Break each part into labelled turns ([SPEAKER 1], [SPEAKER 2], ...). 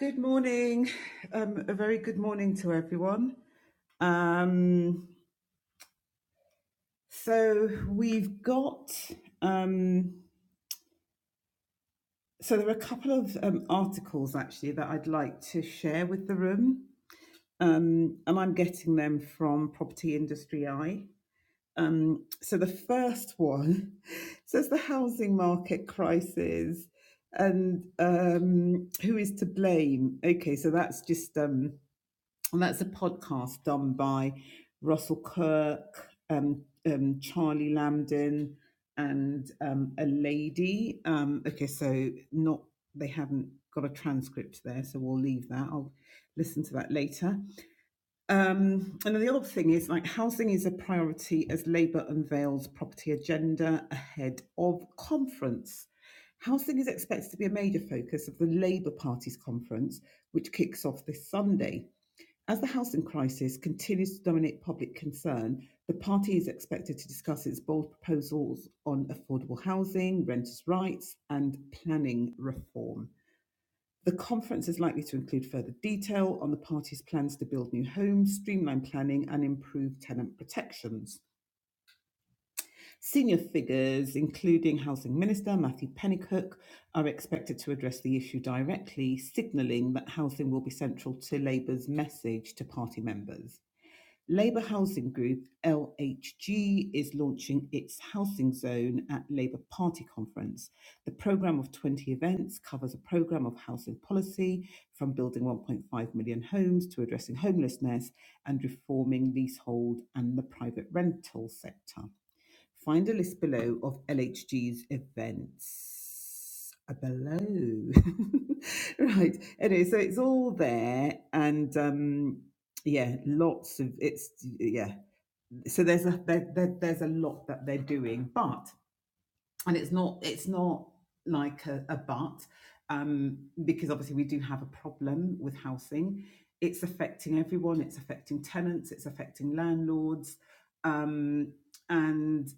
[SPEAKER 1] Good morning. Um, a very good morning to everyone. Um, so we've got. Um, so there are a couple of um, articles actually that I'd like to share with the room, um, and I'm getting them from Property Industry Eye. Um, so the first one says the housing market crisis and um, who is to blame. Okay, so that's just um, and that's a podcast done by Russell Kirk, um, um, Charlie Lambden, and um, a lady. Um, okay, so not they haven't got a transcript there, so we'll leave that. I'll listen to that later. Um, and then the other thing is like housing is a priority as Labour unveils property agenda ahead of conference. Housing is expected to be a major focus of the Labour Party's conference, which kicks off this Sunday. As the housing crisis continues to dominate public concern, the party is expected to discuss its bold proposals on affordable housing, renters' rights, and planning reform. The conference is likely to include further detail on the party's plans to build new homes, streamline planning, and improve tenant protections. Senior figures, including Housing Minister Matthew Pennycook, are expected to address the issue directly, signalling that housing will be central to Labour's message to party members. Labour Housing Group, LHG, is launching its Housing Zone at Labour Party Conference. The programme of 20 events covers a programme of housing policy, from building 1.5 million homes to addressing homelessness and reforming leasehold and the private rental sector. Find a list below of LHG's events. Uh, Below. right. Anyway, so it's all there. And um, yeah, lots of it's, yeah. So there's a, there, there, there's a lot that they're doing. But and it's not it's not like a, a but um, because obviously we do have a problem with housing it's affecting everyone it's affecting tenants it's affecting landlords um, and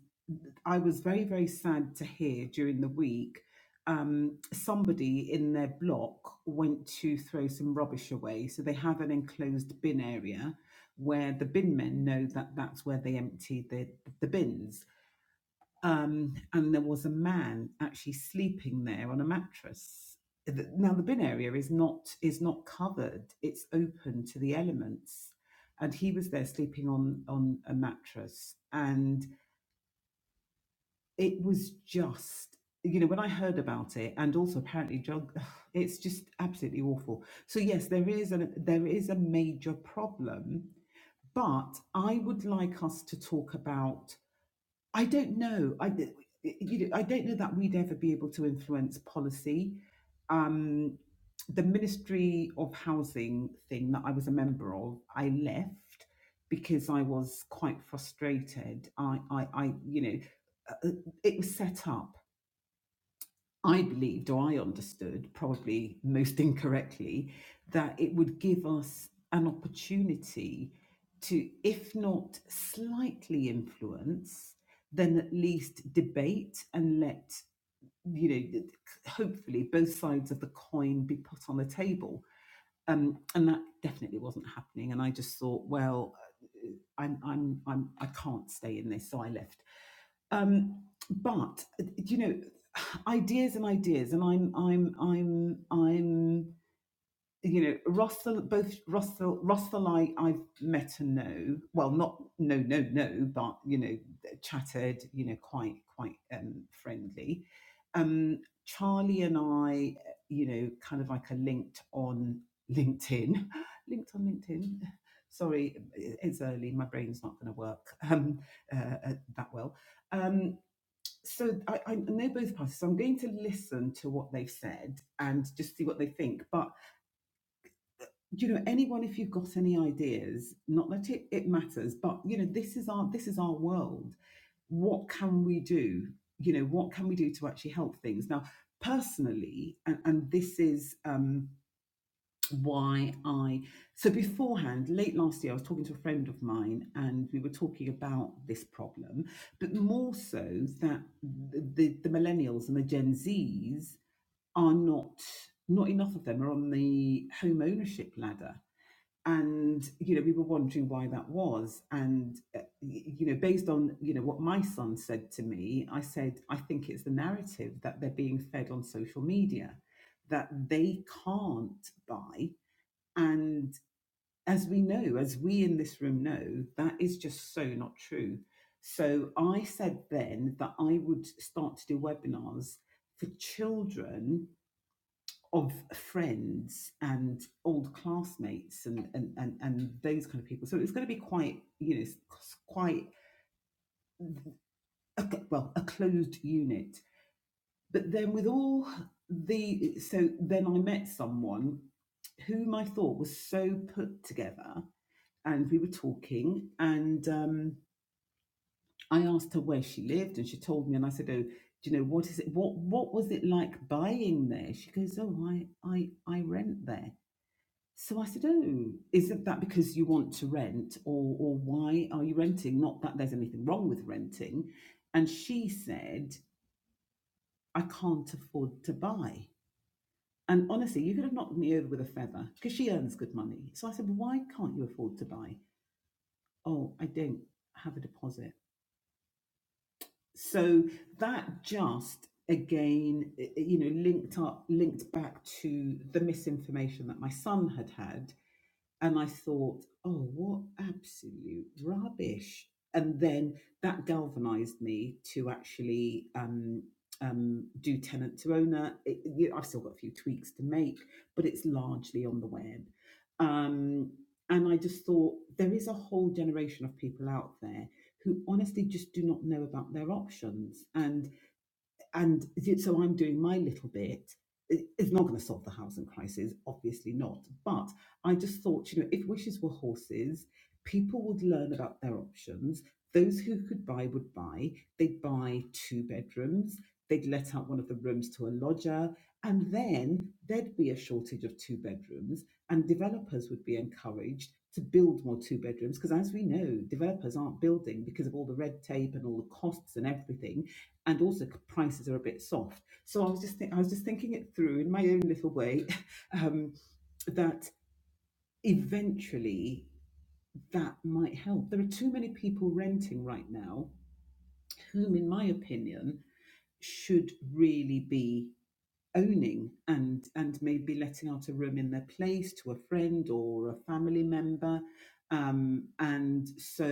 [SPEAKER 1] i was very very sad to hear during the week um, somebody in their block went to throw some rubbish away so they have an enclosed bin area where the bin men know that that's where they empty the, the bins um, and there was a man actually sleeping there on a mattress. Now the bin area is not is not covered; it's open to the elements, and he was there sleeping on on a mattress, and it was just you know when I heard about it, and also apparently drug, it's just absolutely awful. So yes, there is a there is a major problem, but I would like us to talk about I don't know. I, you know, I don't know that we'd ever be able to influence policy. Um, the Ministry of Housing thing that I was a member of, I left because I was quite frustrated. I, I, I you know, uh, it was set up I believed or I understood, probably most incorrectly, that it would give us an opportunity to, if not slightly influence, then at least debate and let, you know, hopefully both sides of the coin be put on the table um, and that definitely wasn't happening. And I just thought, well, uh, I'm, I'm, I'm, I can't stay in this, so I left. Um, but you know, ideas and ideas, and I'm, I'm, I'm, I'm you know, Rothel, both Rothel, Rothelite I've met and know, well, not no, no, no, but, you know, chatted, you know, quite, quite um, friendly. Um, Charlie and I, you know, kind of like a linked on LinkedIn, linked on LinkedIn. Sorry, it's early. My brain's not going to work um, uh, uh, that well. Um, so I, I know both parties. So I'm going to listen to what they've said and just see what they think. But you know anyone if you've got any ideas not that it, it matters but you know this is our this is our world what can we do you know what can we do to actually help things now personally and, and this is um why i so beforehand late last year i was talking to a friend of mine and we were talking about this problem but more so that the, the, the millennials and the gen z's are not not enough of them are on the home ownership ladder and you know we were wondering why that was and uh, you know based on you know what my son said to me i said i think it's the narrative that they're being fed on social media that they can't buy and as we know as we in this room know that is just so not true so i said then that i would start to do webinars for children of friends and old classmates and, and and and those kind of people. So it was going to be quite you know quite well a closed unit. But then with all the so then I met someone whom I thought was so put together, and we were talking, and um, I asked her where she lived, and she told me, and I said, "Oh, do you know what is it? What what was it like buying there?" She goes, "Oh, I I I rent there." So I said, Oh, isn't that because you want to rent or or why are you renting? Not that there's anything wrong with renting. And she said, I can't afford to buy. And honestly, you could have knocked me over with a feather because she earns good money. So I said, Why can't you afford to buy? Oh, I don't have a deposit. So that just again, eh, eh, you know, linked up, linked back to the misinformation that my son had had and I thought, oh, what absolute rubbish. And then that galvanized me to actually um, um, do tenant to owner. It, you, I've still got a few tweaks to make, but it's largely on the web. Um, and I just thought there is a whole generation of people out there who honestly just do not know about their options. and and so I'm doing my little bit. It's not going to solve the housing crisis, obviously not. But I just thought, you know, if wishes were horses, people would learn about their options. Those who could buy would buy. They'd buy two bedrooms. They'd let out one of the rooms to a lodger. And then there'd be a shortage of two bedrooms, and developers would be encouraged to build more two bedrooms. Because as we know, developers aren't building because of all the red tape and all the costs and everything and also prices are a bit soft. So I was just think I was just thinking it through in my own little way um, that eventually that might help. There are too many people renting right now, whom, in my opinion, should really be owning and and maybe letting out a room in their place to a friend or a family member um and so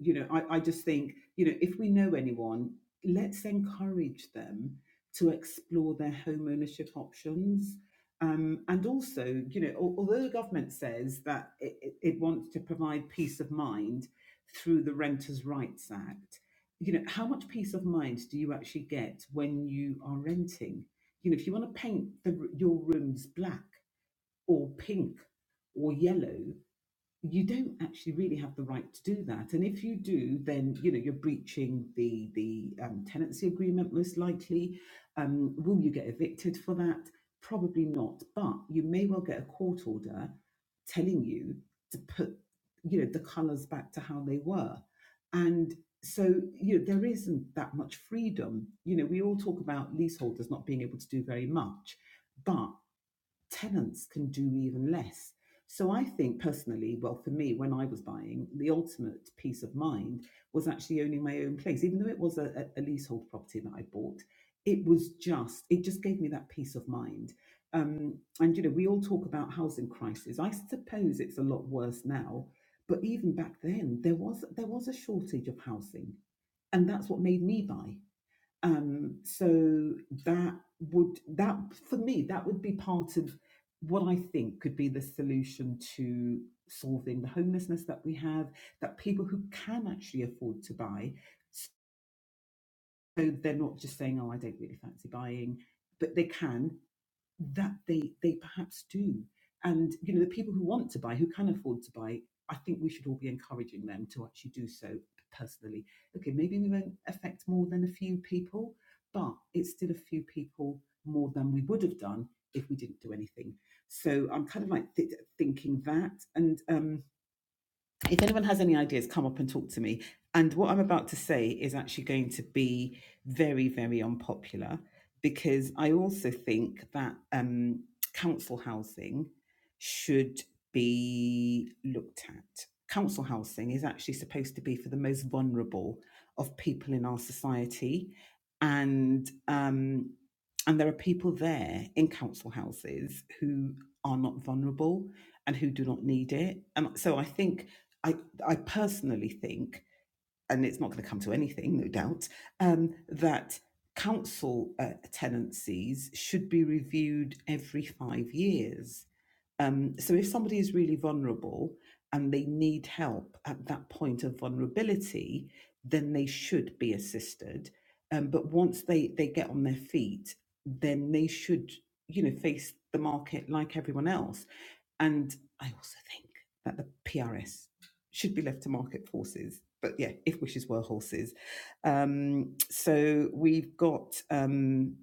[SPEAKER 1] you know i, I just think you know if we know anyone let's encourage them to explore their home ownership options um, and also, you know, al- although the government says that it, it it wants to provide peace of mind through the Renters' Rights Act, you know, how much peace of mind do you actually get when you are renting? you know if you want to paint the, your rooms black or pink or yellow you don't actually really have the right to do that. And if you do, then you know you're breaching the the um, tenancy agreement most likely. Um, will you get evicted for that? Probably not. But you may well get a court order telling you to put you know the colours back to how they were, and so you know there isn't that much freedom. You know we all talk about leaseholders not being able to do very much, but tenants can do even less. So I think personally, well, for me, when I was buying, the ultimate peace of mind was actually owning my own place, even though it was a, a leasehold property that I bought. It was just, it just gave me that peace of mind. Um, and you know, we all talk about housing crisis. I suppose it's a lot worse now, but even back then, there was there was a shortage of housing, and that's what made me buy um so that would that for me that would be part of what i think could be the solution to solving the homelessness that we have that people who can actually afford to buy so they're not just saying oh i don't really fancy buying but they can that they they perhaps do and you know the people who want to buy who can afford to buy i think we should all be encouraging them to actually do so personally okay maybe we won't affect more than a few people but it's still a few people more than we would have done if we didn't do anything so i'm kind of like th- thinking that and um if anyone has any ideas, come up and talk to me. And what I'm about to say is actually going to be very, very unpopular because I also think that um, council housing should be looked at. Council housing is actually supposed to be for the most vulnerable of people in our society, and um, and there are people there in council houses who are not vulnerable and who do not need it. And so I think I, I personally think, and it's not going to come to anything, no doubt, um, that council uh, tenancies should be reviewed every five years. Um, so if somebody is really vulnerable and they need help at that point of vulnerability, then they should be assisted. Um, but once they, they get on their feet, then they should, you know, face the market like everyone else and I also think that the PRS should be left to market forces. But yeah, if wishes were horses. Um, so we've got um,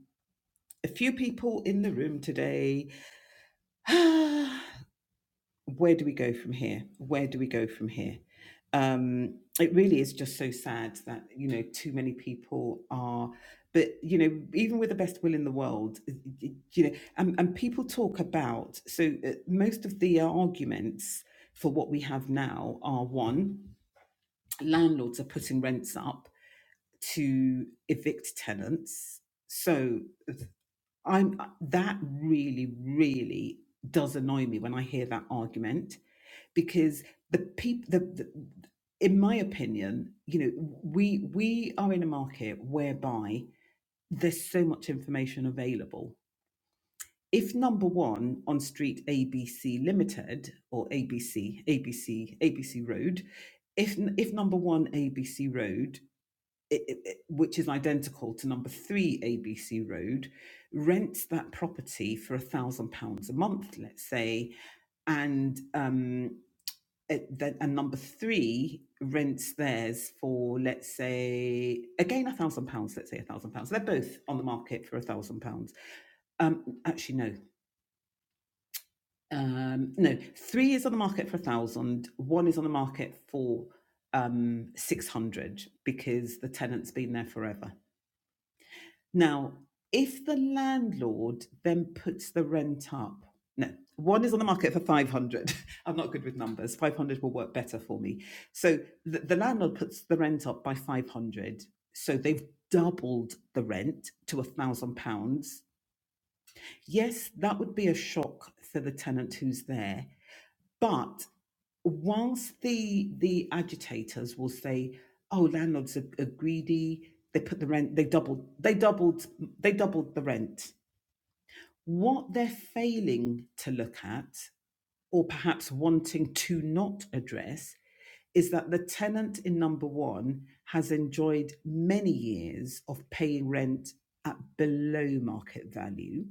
[SPEAKER 1] a few people in the room today. where do we go from here? Where do we go from here? Um, it really is just so sad that you know too many people are. But you know, even with the best will in the world, you know, and, and people talk about so uh, most of the arguments for what we have now are one, landlords are putting rents up to evict tenants. So I'm that really, really does annoy me when I hear that argument because the people the, the in my opinion you know we we are in a market whereby there's so much information available if number one on street abc limited or abc abc abc road if if number one abc road i i i- which is identical to number three abc road rents that property for a thousand pounds a month let's say and um, it, then, and number three rents theirs for let's say again a thousand pounds let's say a thousand pounds they're both on the market for a thousand pounds um actually no um no three is on the market for a thousand. One is on the market for um 600 because the tenant's been there forever Now, if the landlord then puts the rent up, no, one is on the market for 500. I'm not good with numbers. 500 will work better for me. So the, the landlord puts the rent up by 500. So they've doubled the rent to a thousand pounds. Yes, that would be a shock for the tenant who's there. But whilst the the agitators will say, "Oh, landlords are, are greedy. They put the rent. They doubled. They doubled. They doubled the rent." What they're failing to look at, or perhaps wanting to not address, is that the tenant in number one has enjoyed many years of paying rent at below market value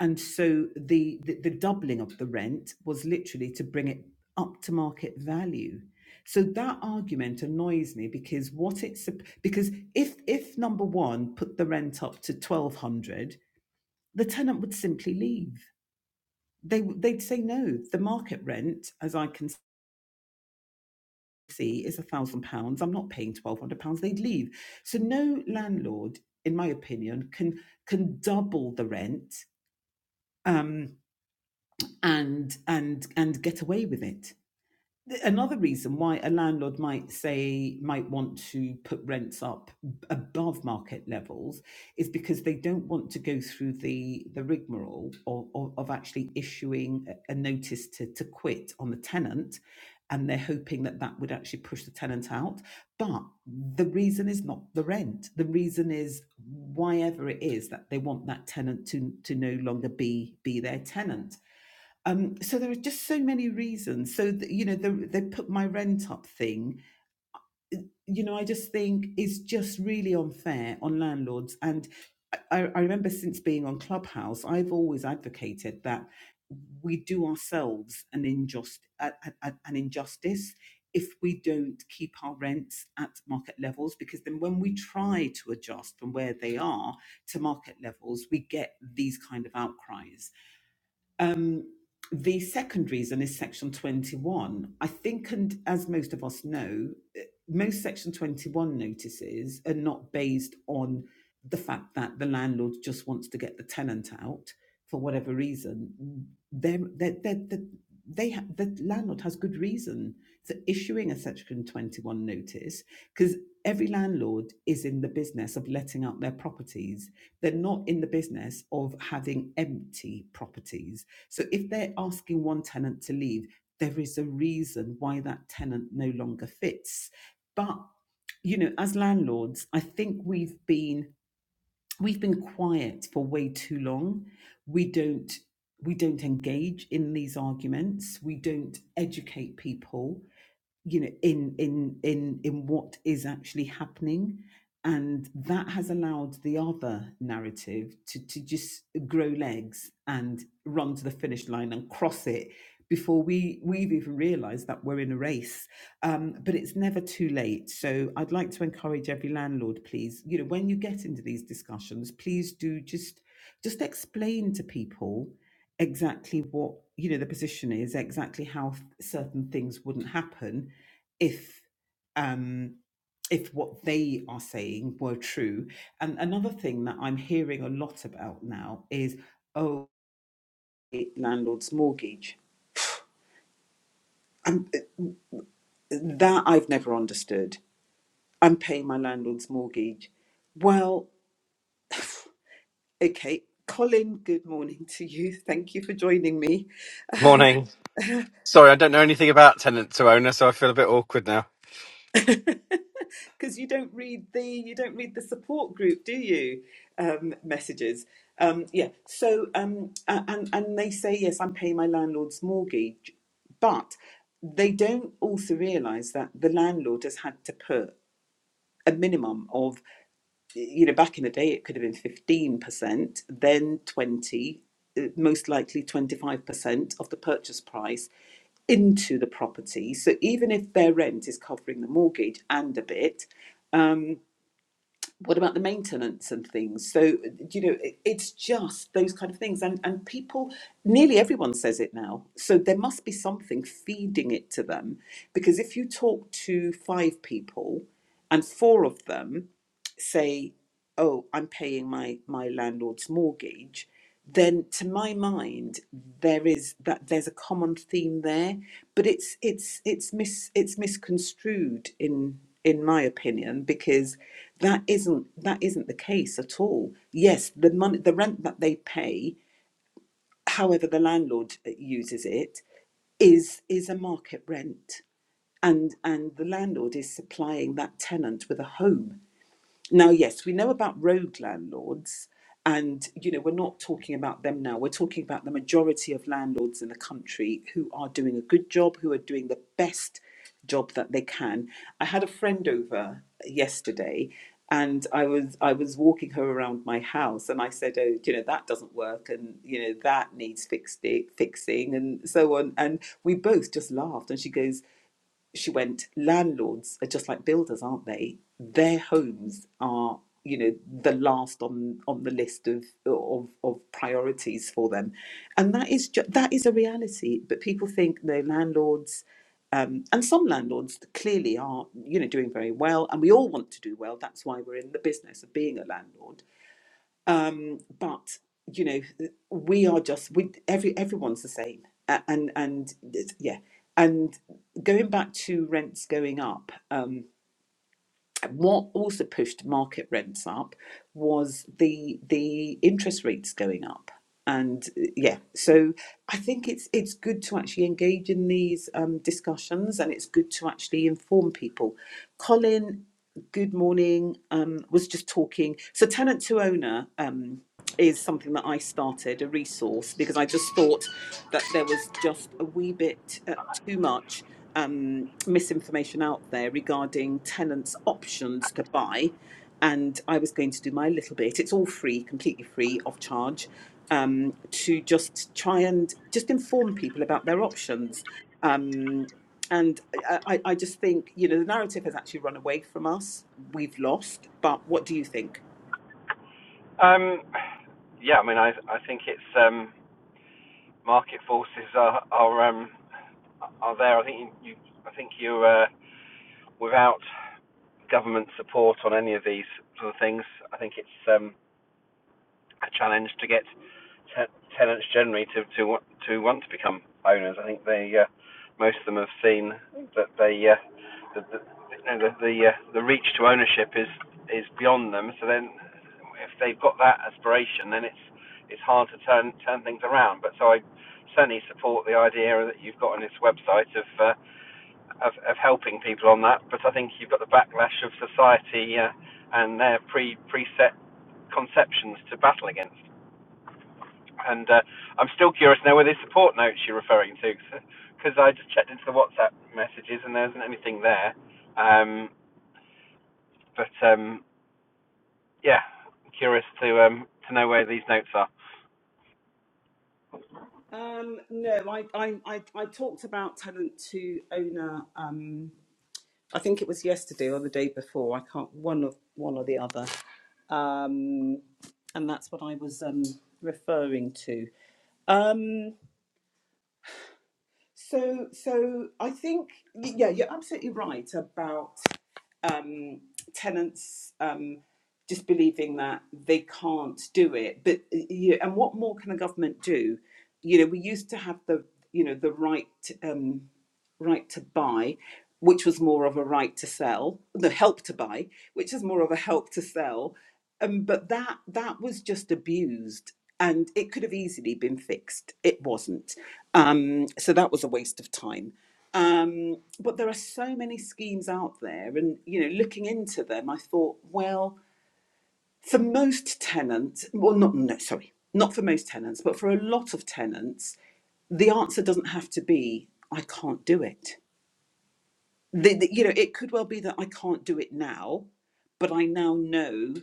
[SPEAKER 1] and so the, the the doubling of the rent was literally to bring it up to market value so that argument annoys me because what it's because if if number 1 put the rent up to 1200 the tenant would simply leave they they'd say no the market rent as i can see is a thousand pounds i'm not paying 1200 pounds they'd leave so no landlord in my opinion can can double the rent um and and and get away with it. Another reason why a landlord might say might want to put rents up above market levels is because they don't want to go through the the rigmarole of, of, of actually issuing a notice to, to quit on the tenant and they're hoping that that would actually push the tenant out but the reason is not the rent the reason is why ever it is that they want that tenant to to no longer be be their tenant um, so there are just so many reasons. So th- you know, the, they put my rent up thing. uh, You know, I just think is just really unfair on landlords. And I, I remember since being on Clubhouse, I've always advocated that we do ourselves an injust a- a- an injustice if we don't keep our rents at market levels because then when we try to adjust from where they are to market levels we get these kind of outcries um, the second reason is Section 21. I think, and as most of us know, eh, most Section 21 notices are not based on the fact that the landlord just wants to get the tenant out for whatever reason. They're, they're, they're, they they ha- the landlord has good reason for issuing a Section 21 notice because every landlord is in the business of letting out their properties. They're not in the business of having empty properties so if they're asking one tenant to leave, there is a reason why that tenant no longer fits. But you know, as landlords, I think we've been we've been quiet for way too long. We don't we don't engage in these arguments. We don't educate people you know in in in in what is actually happening and that has allowed the other narrative to to just grow legs and run to the finish line and cross it before we we've even realized that we're in a race um, but it's never too late so i'd like to encourage every landlord please you know when you get into these discussions please do just just explain to people exactly what you know the position is exactly how certain things wouldn't happen if um, if what they are saying were true. And another thing that I'm hearing a lot about now is oh, landlord's mortgage. And uh, that I've never understood. I'm paying my landlord's mortgage. Well, okay, Colin. Good morning to you. Thank you for joining me.
[SPEAKER 2] Morning. Sorry, I don't know anything about tenant to owner, so I feel a bit awkward now.
[SPEAKER 1] because you don't read the you don't read the support group, do you? Um, messages. Um, yeah. So um, a- and and they say yes, I'm paying my landlord's mortgage, but they don't also realise that the landlord has had to put a minimum of you know, back in the day, it could have been 15%, then 20, uh, most likely 25% of the purchase price into the property. So even if their rent is covering the mortgage and a bit, um, what about the maintenance and things? So, you know, it, it's just those kind of things. And, and people, nearly everyone says it now. So there must be something feeding it to them. Because if you talk to five people, and four of them say, "Oh, I'm paying my my landlord's mortgage," then to my mind there is that there's a common theme there, but it's it's it's mis it's misconstrued in in my opinion because that isn't that isn't the case at all. Yes, the money the rent that they pay, however the landlord uh, uses it, is is a market rent and and the landlord is supplying that tenant with a home now, yes, we know about rogue landlords, and you know, we're not talking about them now. We're talking about the majority of landlords in the country who are doing a good job, who are doing the best job that they can. I had a friend over yesterday and I was I was walking her around my house and I said, Oh, you know, that doesn't work and you know that needs fixed fixing and so on. And we both just laughed and she goes, she went, landlords are just like builders, aren't they? Their homes are, you know, the last on on the list of of, of priorities for them, and that is ju- that is a reality. But people think no landlords. Um, and some landlords clearly are, you know, doing very well, and we all want to do well. That's why we're in the business of being a landlord um, but you know we are just we every everyone's the same A- and and it's- yeah and going back to rents going up um, what also pushed market rents up was the the interest rates going up and uh, yeah so i think it's it's good to actually engage in these um, discussions and it's good to actually inform people colin good morning um, was just talking so tenant to owner Um, is something that I started a resource because I just thought that there was just a wee bit uh, too much um, misinformation out there regarding tenants' options to buy. And I was going to do my little bit. It's all free, completely free, off charge, um, to just try and just inform people about their options. Um, and I, I I just think, you know, the narrative has actually run away from us. We've lost. But what do you think?
[SPEAKER 2] Um, yeah, I mean, I I think it's um, market forces are are um, are there. I think you, you I think you uh, without government support on any of these sort of things. I think it's um, a challenge to get te- tenants generally to, to wa- to want to become owners. I think they uh, most of them have seen that they uh, the, the you know, the the, uh, the reach to ownership is is beyond them. So then, if they've got that aspiration, then it's it's hard to turn turn things around. But so I certainly support the idea that you've got on this website of uh, of, of helping people on that. But I think you've got the backlash of society uh, and their pre preset conceptions to battle against. And uh, I'm still curious now whether it's support notes you're referring to, because I just checked into the WhatsApp messages and there isn't anything there. Um, but um, yeah, I'm curious to um, to know where these notes are.
[SPEAKER 1] Um, no, I, I, I, I talked about talent to owner. Um, I think it was yesterday or the day before. I can't one of one or the other, um, and that's what I was um, referring to. Um, so, so I think y- yeah, you're absolutely right about um, tenants um, just believing that they can't do it. But uh, you, and what more can a government do? You know, we used to have the you know the right um, right to buy, which was more of a right to sell. The help to buy, which is more of a help to sell. Um, but that that was just abused. And it could have easily been fixed. It wasn't. Um, so that was a waste of time um, but there are so many schemes out there, and you know, looking into them, I thought, well, for most tenants, well, not no, sorry, not for most tenants, but for a lot of tenants, the answer doesn't have to be I can't do it the, the- you know it could well be that i can't do it now but i now know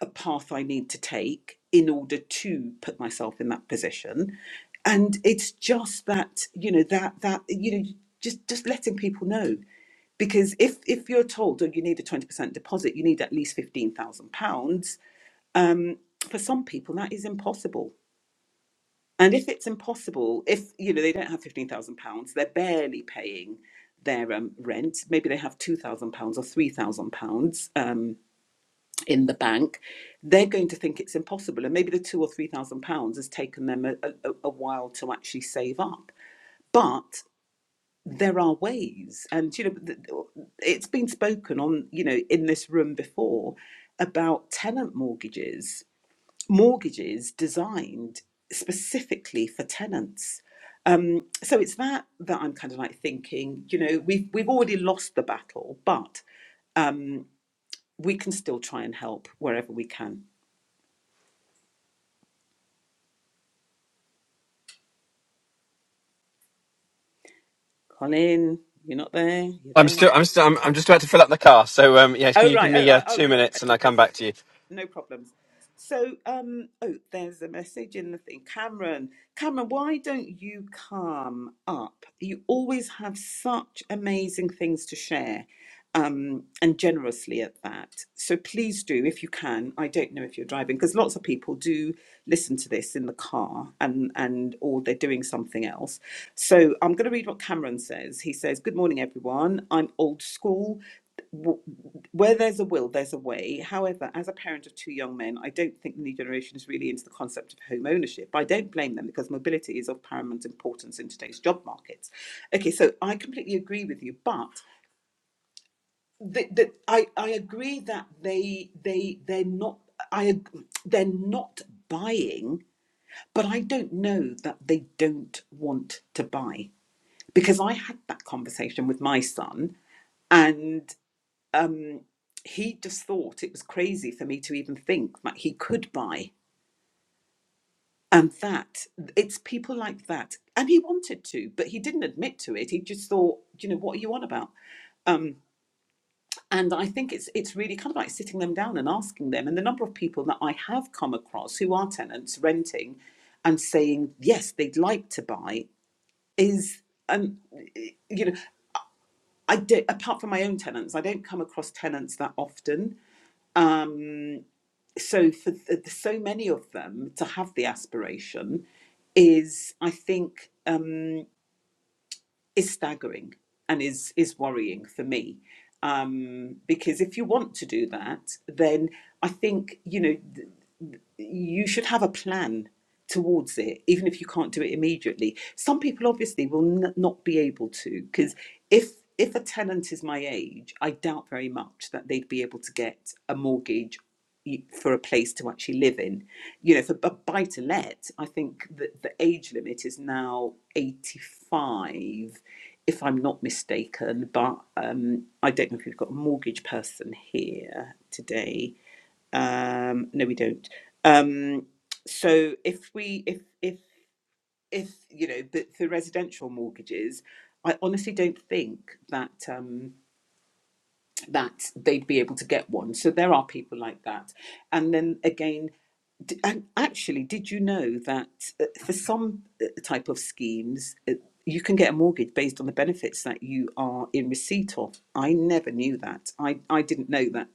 [SPEAKER 1] a path i need to take in order to put myself in that position and it's just that you know that that you know just just letting people know because if if you're told oh, you need a 20% deposit you need at least 15,000 pounds um for some people that is impossible and if it's impossible, if you know they don't have fifteen thousand pounds, they're barely paying their um, rent. Maybe they have two thousand pounds or three thousand pounds um, in the bank. They're going to think it's impossible, and maybe the two or three thousand pounds has taken them a, a, a while to actually save up. But there are ways, and you know, th- it's been spoken on, you know, in this room before about tenant mortgages mortgages designed specifically for tenants. Um, so it's that that I'm kind of like thinking, you know, we've we've already lost the battle, but um, we can still try and help wherever we can. Colin, you're not there. You're
[SPEAKER 2] I'm
[SPEAKER 1] there.
[SPEAKER 2] still, I'm still, I'm, I'm just about to fill up the car. So, um, yes, can
[SPEAKER 1] Oh
[SPEAKER 2] you give
[SPEAKER 1] right, oh
[SPEAKER 2] me uh,
[SPEAKER 1] right, oh
[SPEAKER 2] two
[SPEAKER 1] you're at the
[SPEAKER 2] minutes and
[SPEAKER 1] petrol
[SPEAKER 2] I'll come
[SPEAKER 1] station.
[SPEAKER 2] back to
[SPEAKER 1] Okay.
[SPEAKER 2] you?
[SPEAKER 1] No problems. So um oh there's a message in the thing. Cameron, Cameron, why don't you come up? You always have such amazing things to share. Um, and generously at that. So please do, if you can. I don't know if you're driving, because lots of people do listen to this in the car and and or they're doing something else. So I'm going to read what Cameron says. He says, "Good morning, everyone. I'm old school w- where there's a will, there's a way. However, as a parent of two young men, I don't think the new generation is really into the concept of home ownership. I don't blame them because mobility is of paramount importance in today's job markets. Okay, so I completely agree with you, but the, the, I, I agree that they they they're not I they're not buying, but I don't know that they don't want to buy because I had that conversation with my son and um, he just thought it was crazy for me to even think that he could buy. And that, it's people like that. And he wanted to, but he didn't admit to it. He just thought, you know, what are you on about? Um, and I think it's it's really kind of like sitting them down and asking them. And the number of people that I have come across who are tenants renting and saying, yes, they'd like to buy is, um, you know, I do, apart from my own tenants, I don't come across tenants that often. Um, so for th- so many of them to have the aspiration is i think um is staggering and is is worrying for me um because if you want to do that then i think you know th- th- you should have a plan towards it even if you can't do it immediately some people obviously will n- not be able to because if if a tenant is my age i doubt very much that they'd be able to get a mortgage for a place to actually live in. You know, for a buy to let, I think that the age limit is now 85, if I'm not mistaken. But um, I don't know if we've got a mortgage person here today. Um, no, we don't. Um, so if we, if, if, if, you know, but for residential mortgages, I honestly don't think that. Um, that they'd be able to get one. So there are people like that. And then again, d- and actually, did you know that uh, for some uh, type of schemes, uh, you can get a mortgage based on the benefits that you are in receipt of? I never knew that. I, I didn't know that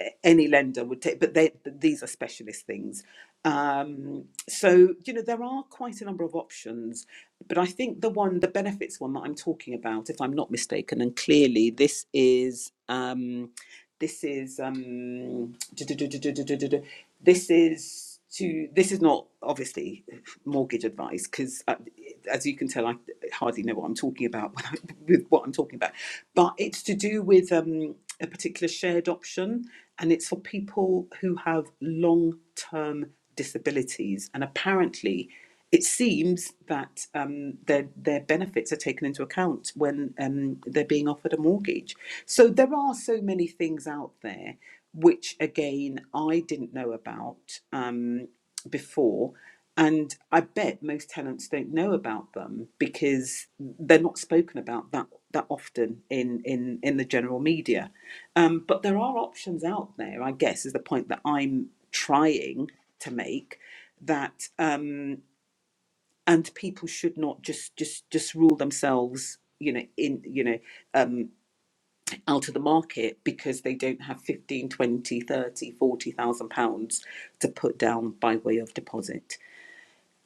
[SPEAKER 1] a- any lender would take, but they, these are specialist things. Um, so, you know, there are quite a number of options, but I think the one, the benefits one that I'm talking about, if I'm not mistaken, and clearly this is, um, this is, um, this is to, this is not obviously mortgage advice because as you can tell, I hardly know what I'm talking about when I, with what I'm talking about. But it's to do with um, a particular shared option, and it's for people who have long-term disabilities. And apparently, it seems that um, their their benefits are taken into account when um, they're being offered a mortgage. So there are so many things out there, which again I didn't know about um, before and I bet most tenants don't know about them because they're not spoken about that that often in in in the general media. Um, but there are options out there, I guess, is the point that I'm trying to make that um, and people should not just just just rule themselves you know in you know um out of the market because they don't have 15, 20, 30, 40,000 pounds to put down by way of deposit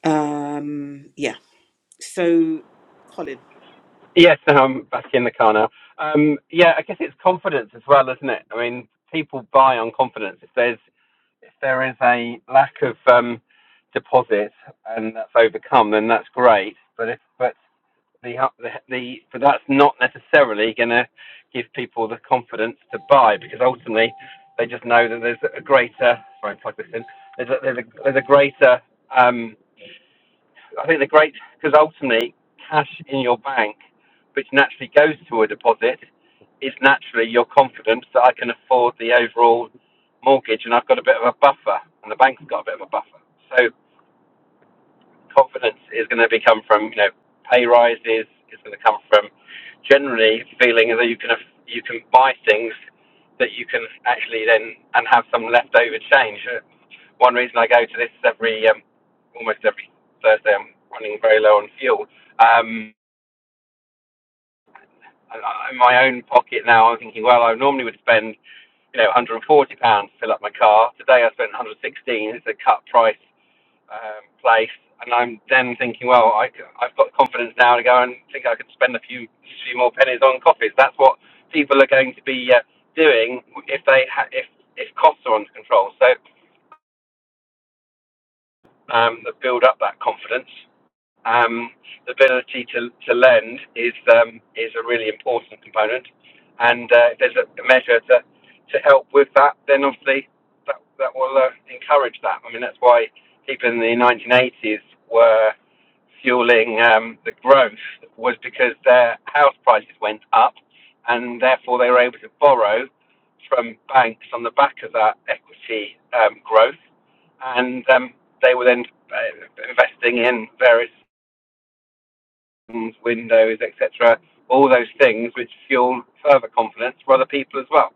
[SPEAKER 1] um yeah so, Colin.
[SPEAKER 2] Yes, no, I'm back in the car now. Um, yeah, I guess it's confidence as well, isn't it? I mean, people buy on confidence. If there's if there is a lack of um, deposit and that's overcome, then that's great. But if but the the, the but that's not necessarily going to give people the confidence to buy because ultimately they just know that there's a greater. Sorry, plug this in. There's a, there's a, there's a greater um, I think the great because ultimately cash in your bank, which naturally goes to a deposit, is naturally your confidence that I can afford the overall mortgage, and I've got a bit of a buffer, and the bank's got a bit of a buffer. So confidence is going to become from you know pay rises. It's going to come from generally feeling that you can you can buy things that you can actually then and have some leftover change. Uh, One reason I go to this every um, almost every Thursday, I'm running very low on fuel. Um, and I- in my own pocket now, I'm thinking, well, I normally would spend you know 140 pounds to fill up my car. Today I spent 116. It's a cut price um, place, and I'm then thinking, well, I, have got confidence now to go and think I could spend a few few more pennies on coffees. That's what people are going to be uh, doing if they ha- if if costs are under control. So um, build up that confidence um, the ability to, to lend is um, is a really important component. And uh, if there's a measure to, to help with that, then obviously that, that will uh, encourage that. I mean, that's why people in the 1980s were fueling um, the growth was because their house prices went up, and therefore they were able to borrow from banks on the back of that equity um, growth, and um, they were then uh, investing in various systems, windows, etc. All those things which fuel further confidence for other people as well.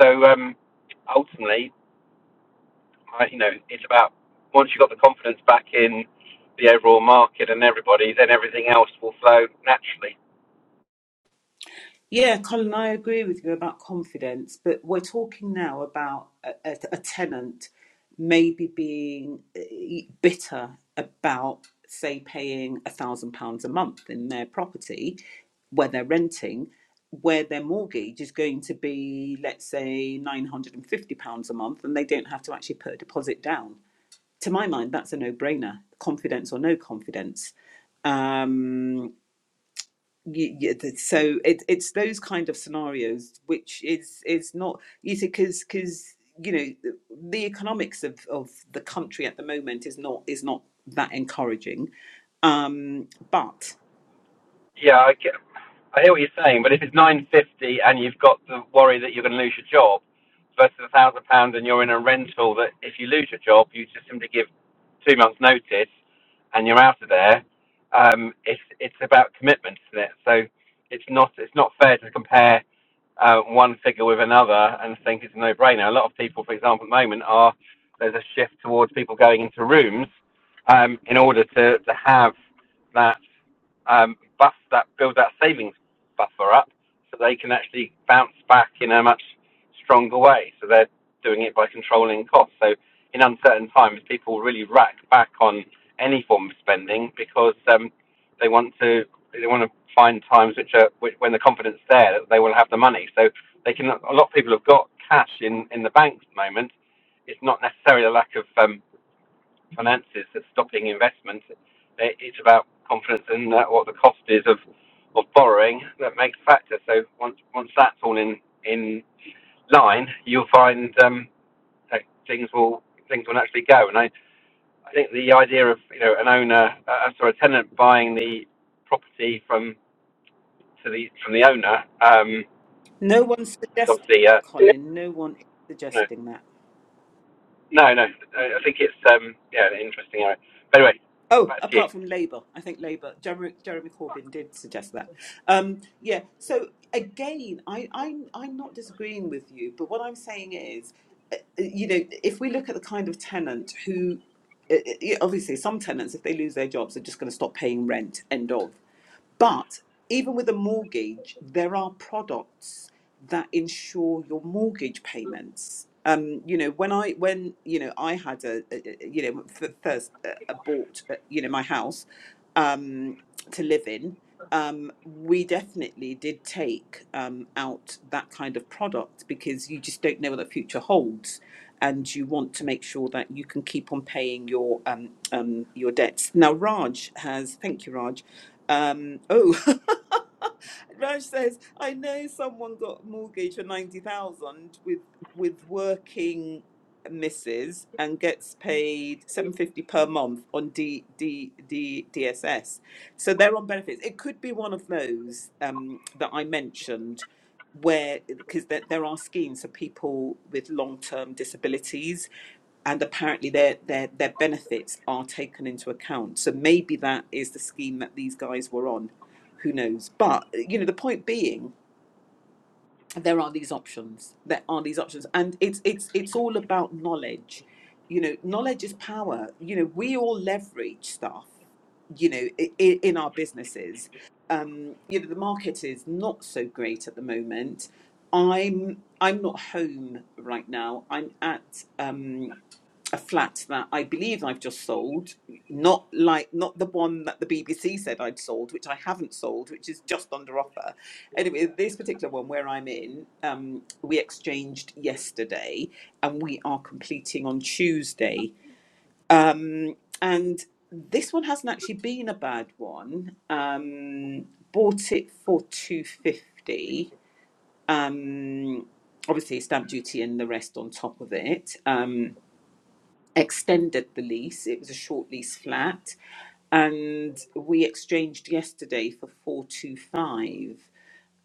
[SPEAKER 2] So um, ultimately, I, you know, it's about once you've got the confidence back in the overall market and everybody, then everything else will flow naturally.
[SPEAKER 1] Yeah, Colin, I agree with you about confidence, but we're talking now about a, a, a tenant maybe being eh, bitter about, say, paying a thousand pounds a month in their property where they're renting, where their mortgage is going to be, let's say, nine hundred and fifty pounds a month, and they don't have to actually put a deposit down. To my mind, that's a no-brainer, confidence or no confidence Um, Y- yeah, th- so it, it's those kind of scenarios which is is not you see because because you know the the economics of of the country at the moment is not is not that encouraging um but
[SPEAKER 2] Yeah, I, I hear what you're saying, but if it's nine fifty and you've got the worry that you're going to lose your job versus a thousand pounds and you're in a rental that if you lose your job you just simply give two months notice and you're out of there. Um, it's it's about commitment, isn't it? So it's not it's not fair to compare uh, one figure with another and think it's a no-brainer. A lot of people, for example, at the moment are there's a shift towards people going into rooms um, in order to to have that um, buff that build that savings buffer up so they can actually bounce back in a much stronger way. So they're doing it by controlling costs. So in uncertain times, people really rack back on any form of spending because um, they want to they want to find times which are which, when the confidence is there that they will have the money. So they can a lot of people have got cash in in the banks at the moment. It's not necessarily a lack of um, finances that's stopping investment. It's about confidence in uh, what the cost is of, of borrowing that makes a factor. So once once that's all in in line, you'll find um, that things will things will naturally go. And I, I think the idea of you know an owner uh, uh, sorry a tenant buying the property from to the from the owner um,
[SPEAKER 1] no one's
[SPEAKER 2] is
[SPEAKER 1] suggesting
[SPEAKER 2] obviously
[SPEAKER 1] that
[SPEAKER 2] uh,
[SPEAKER 1] colin no one is
[SPEAKER 2] no
[SPEAKER 1] suggesting that
[SPEAKER 2] no no. I I think it's um, yeah an interesting area. But anyway,
[SPEAKER 1] Oh,
[SPEAKER 2] back to you.
[SPEAKER 1] apart from Labour, I think Labour, Jeremy, Jeremy Corbyn did suggest that. Um, yeah. So again, I, I'm I'm not disagreeing with you, but what I'm saying is, uh, uh, you know, if we look at the kind of tenant who, uh, uh, yeah, obviously, some tenants, if they lose their jobs, are just going to stop paying rent. End of. But even with a mortgage, there are products that insure your mortgage payments. Um, you know, when I when you know I had a, a a- you know f- first uh, uh, bought uh, you know my house um, to live in, um, we definitely did take um, out that kind of product because you just don't know what the future holds, and you want to make sure that you can keep on paying your um, um, your debts. Now, Raj has thank you, Raj um, oh, Raj says, I know someone got a mortgage for 90,000 with with working misses and gets paid 750 per month on D, D, D, DSS. So they're on benefits. It could be one of those um, that I mentioned where because there, there are schemes for people with long-term disabilities and apparently their, their their benefits are taken into account so maybe that is the scheme that these guys were on who knows but you know the point being there are these options there are these options and it's it's it's all about knowledge you know knowledge is power you know we all leverage stuff you know in, in our businesses um you know the market is not so great at the moment i'm i'm not home right now i'm at um a flat that I believe I've just sold, not like not the one that the BBC said I'd sold, which I haven't sold, which is just under offer. Anyway, this particular one where I'm in, um, we exchanged yesterday, and we are completing on Tuesday. Um, and this one hasn't actually been a bad one. Um, bought it for two fifty. Um, obviously, stamp duty and the rest on top of it. Um, extended the lease. It was a short lease flat, and we exchanged yesterday for four two five.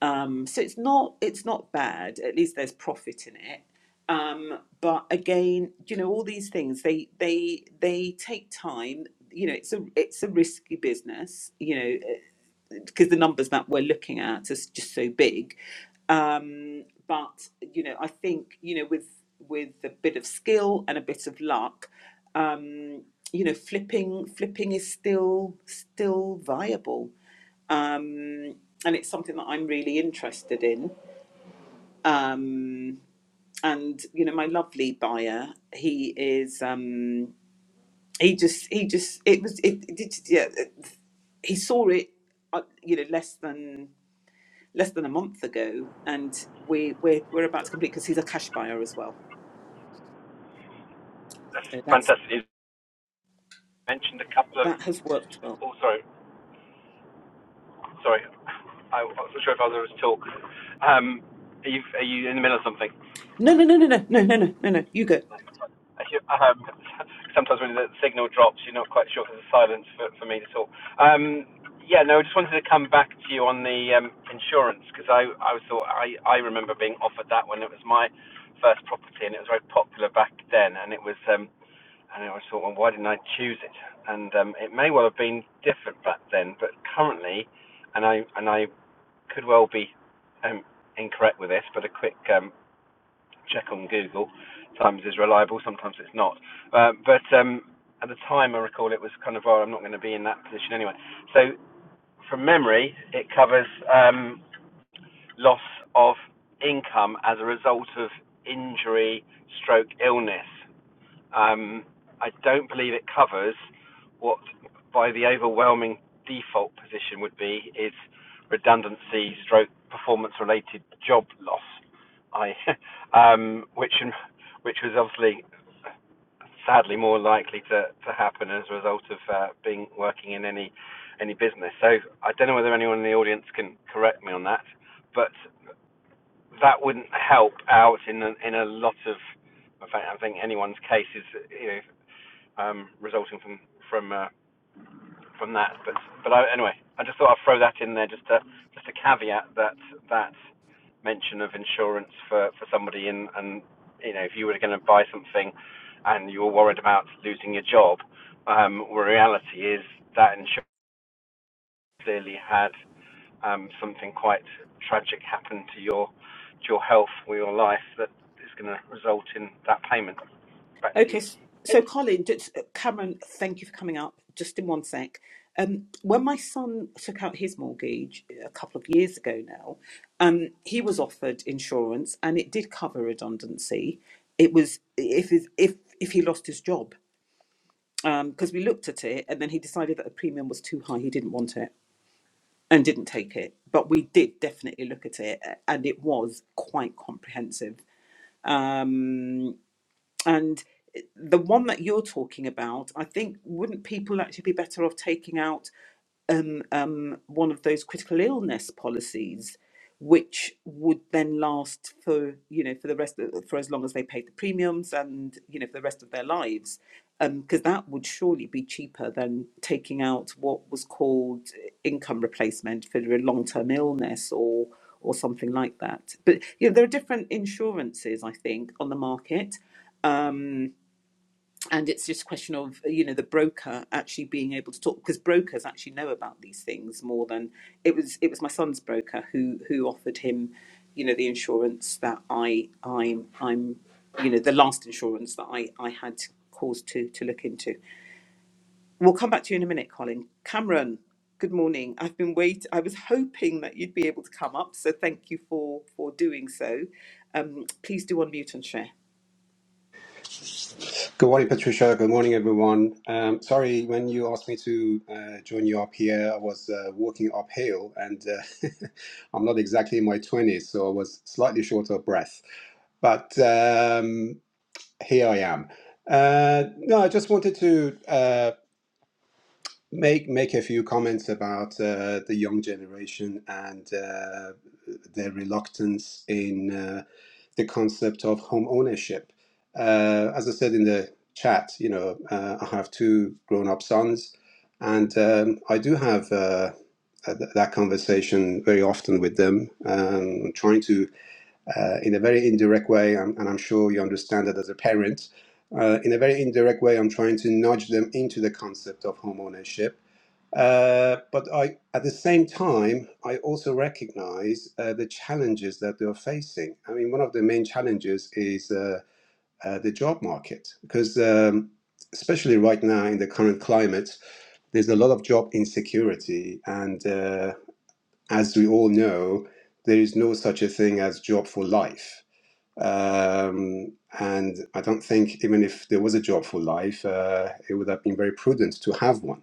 [SPEAKER 1] Um, so it's not it's not bad. At least there's profit in it. Um, but again, you know, all these things they they they take time. You know, it's a it's a risky business. You know, because the numbers that we're looking at is just so big. Um, but you know, I think you know with with a bit of skill and a bit of luck, um, you know, flipping flipping is still still viable um, and it's something that I'm really interested in. Um, and you know, my lovely buyer, he is. Um, he just, he just, it was, it, it, yeah, it- he saw it, uh, you know, less than less than a month ago, and we we're we're about to complete because he's a cash buyer as well.
[SPEAKER 2] That's
[SPEAKER 1] So that's
[SPEAKER 2] fantastic. You mentioned a couple of
[SPEAKER 1] that has worked well.
[SPEAKER 2] Oh, sorry. Sorry. I I wasn't sure if I was able talk. Um, are you are you in the middle of something?
[SPEAKER 1] No, no, no, no, no, no, no, no, no, no. You go.
[SPEAKER 2] Um, sometimes when the signal drops, you're not quite sure if there's a silence for, for me to talk. Um, yeah, no, I just wanted to come back to you on the um, insurance because I, I was thought I, I remember being offered that when it was my first property and it was very popular back then and it was um, and I thought well why didn't I choose it and um, it may well have been different back then but currently and I and I could well be um, incorrect with this, but a quick um, check on Google sometimes is reliable, sometimes it's not. Um, but um, at the time, I recall it was kind of, oh, I'm not going to be in that position anyway. So from memory, it covers um, loss of income as a result of injury, stroke, illness. Um, I don't believe it covers what, by the overwhelming default position, would be is redundancy stroke performance related job loss. I, um, which which was obviously sadly more likely to, to happen as a result of uh, being working in any any business. So I don't know whether anyone in the audience can correct me on that, but that wouldn't help out in a, in a lot of. In fact, I think anyone's case is you know um, resulting from from uh, from that. But but I, anyway, I just thought I'd throw that in there just to just a caveat that that mention of insurance for for somebody in and you know if you were going to buy something and you were worried about losing your job, um, well, reality is that insurance clearly had um, something quite tragic happen to your to your health or your life that is going to result in that payment. Back to
[SPEAKER 1] Okay,
[SPEAKER 2] you.
[SPEAKER 1] s- so Colin, just, Cameron, thank you for coming up. Just in one sec. Um, when my son took out his mortgage uh, a couple of years ago now, um, he was offered insurance and it did cover redundancy. It was if his- if if he lost his job because we looked at it and then he decided that the premium was too high. He didn't want it and didn't take it. But we did definitely look at it a- and it was quite comprehensive. Um, and eh, the one that you're talking about, I think, wouldn't people actually be better off taking out um, um, one of those critical illness policies, which would then last for you know for the rest of, for as long as they paid the premiums and you know for the rest of their lives, because that would surely be cheaper than taking out what was called eh, income replacement for a long term illness or or something like that. But you know there are different insurances I think on the market and it's just a question of you know the broker actually being able to talk because brokers actually know about these things more than it was it was my son's broker who who offered him you know the insurance that i i'm i'm you know the last insurance that i i had cause to to look into we'll come back to you in a minute colin cameron good morning i've been wait i was hoping that you'd be able to come up so thank you for for doing so um please do unmute and share
[SPEAKER 3] Good morning, Patricia. Good morning, everyone. Um, sorry, when you asked me to uh, join you up here, I was uh, walking uphill and uh, I'm not exactly in my 20s, so I was slightly short of breath. But um, here I am. Uh, no, I just wanted to. uh, make make a few comments about uh, the young generation and uh, their reluctance in uh, the concept of home ownership. Uh, as I said in the chat, you know, uh, I have two grown-up sons, and um, I do have uh, uh, th- that conversation very often with them, um, trying to, uh, in a very indirect way, and and I'm sure you understand that as a parent. Uh, in a very indirect way, I'm trying to nudge them into the concept of home ownership. Uh, but I, at the same time, I also recognize uh, the challenges that they're facing. I mean, one of the main challenges is uh, uh, the job market, because um, especially right now in the current climate, there's a lot of job insecurity. And uh, as we all know, there is no such a thing as job for life. Um, and I don't think even if there was a job for life, uh, it would have been very prudent to have one.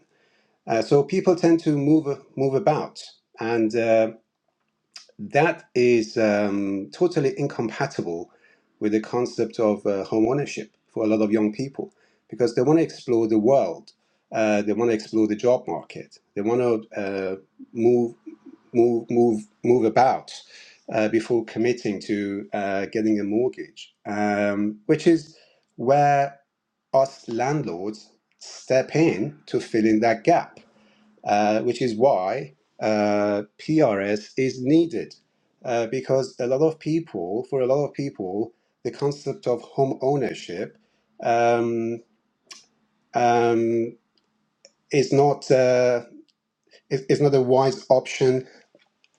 [SPEAKER 3] Uh, so people tend to move move about, and uh, that is um, totally incompatible with the concept of uh, home ownership for a lot of young people because they want to explore the world, uh, they want to explore the job market, they want to uh, move move move move about uh, before committing to uh, getting a mortgage, um, which is where us landlords step in to fill in that gap uh, which is why uh, PRS is needed. Uh, because a lot of people, for a lot of people, the concept of home ownership um, um, is not uh, is, is not a wise option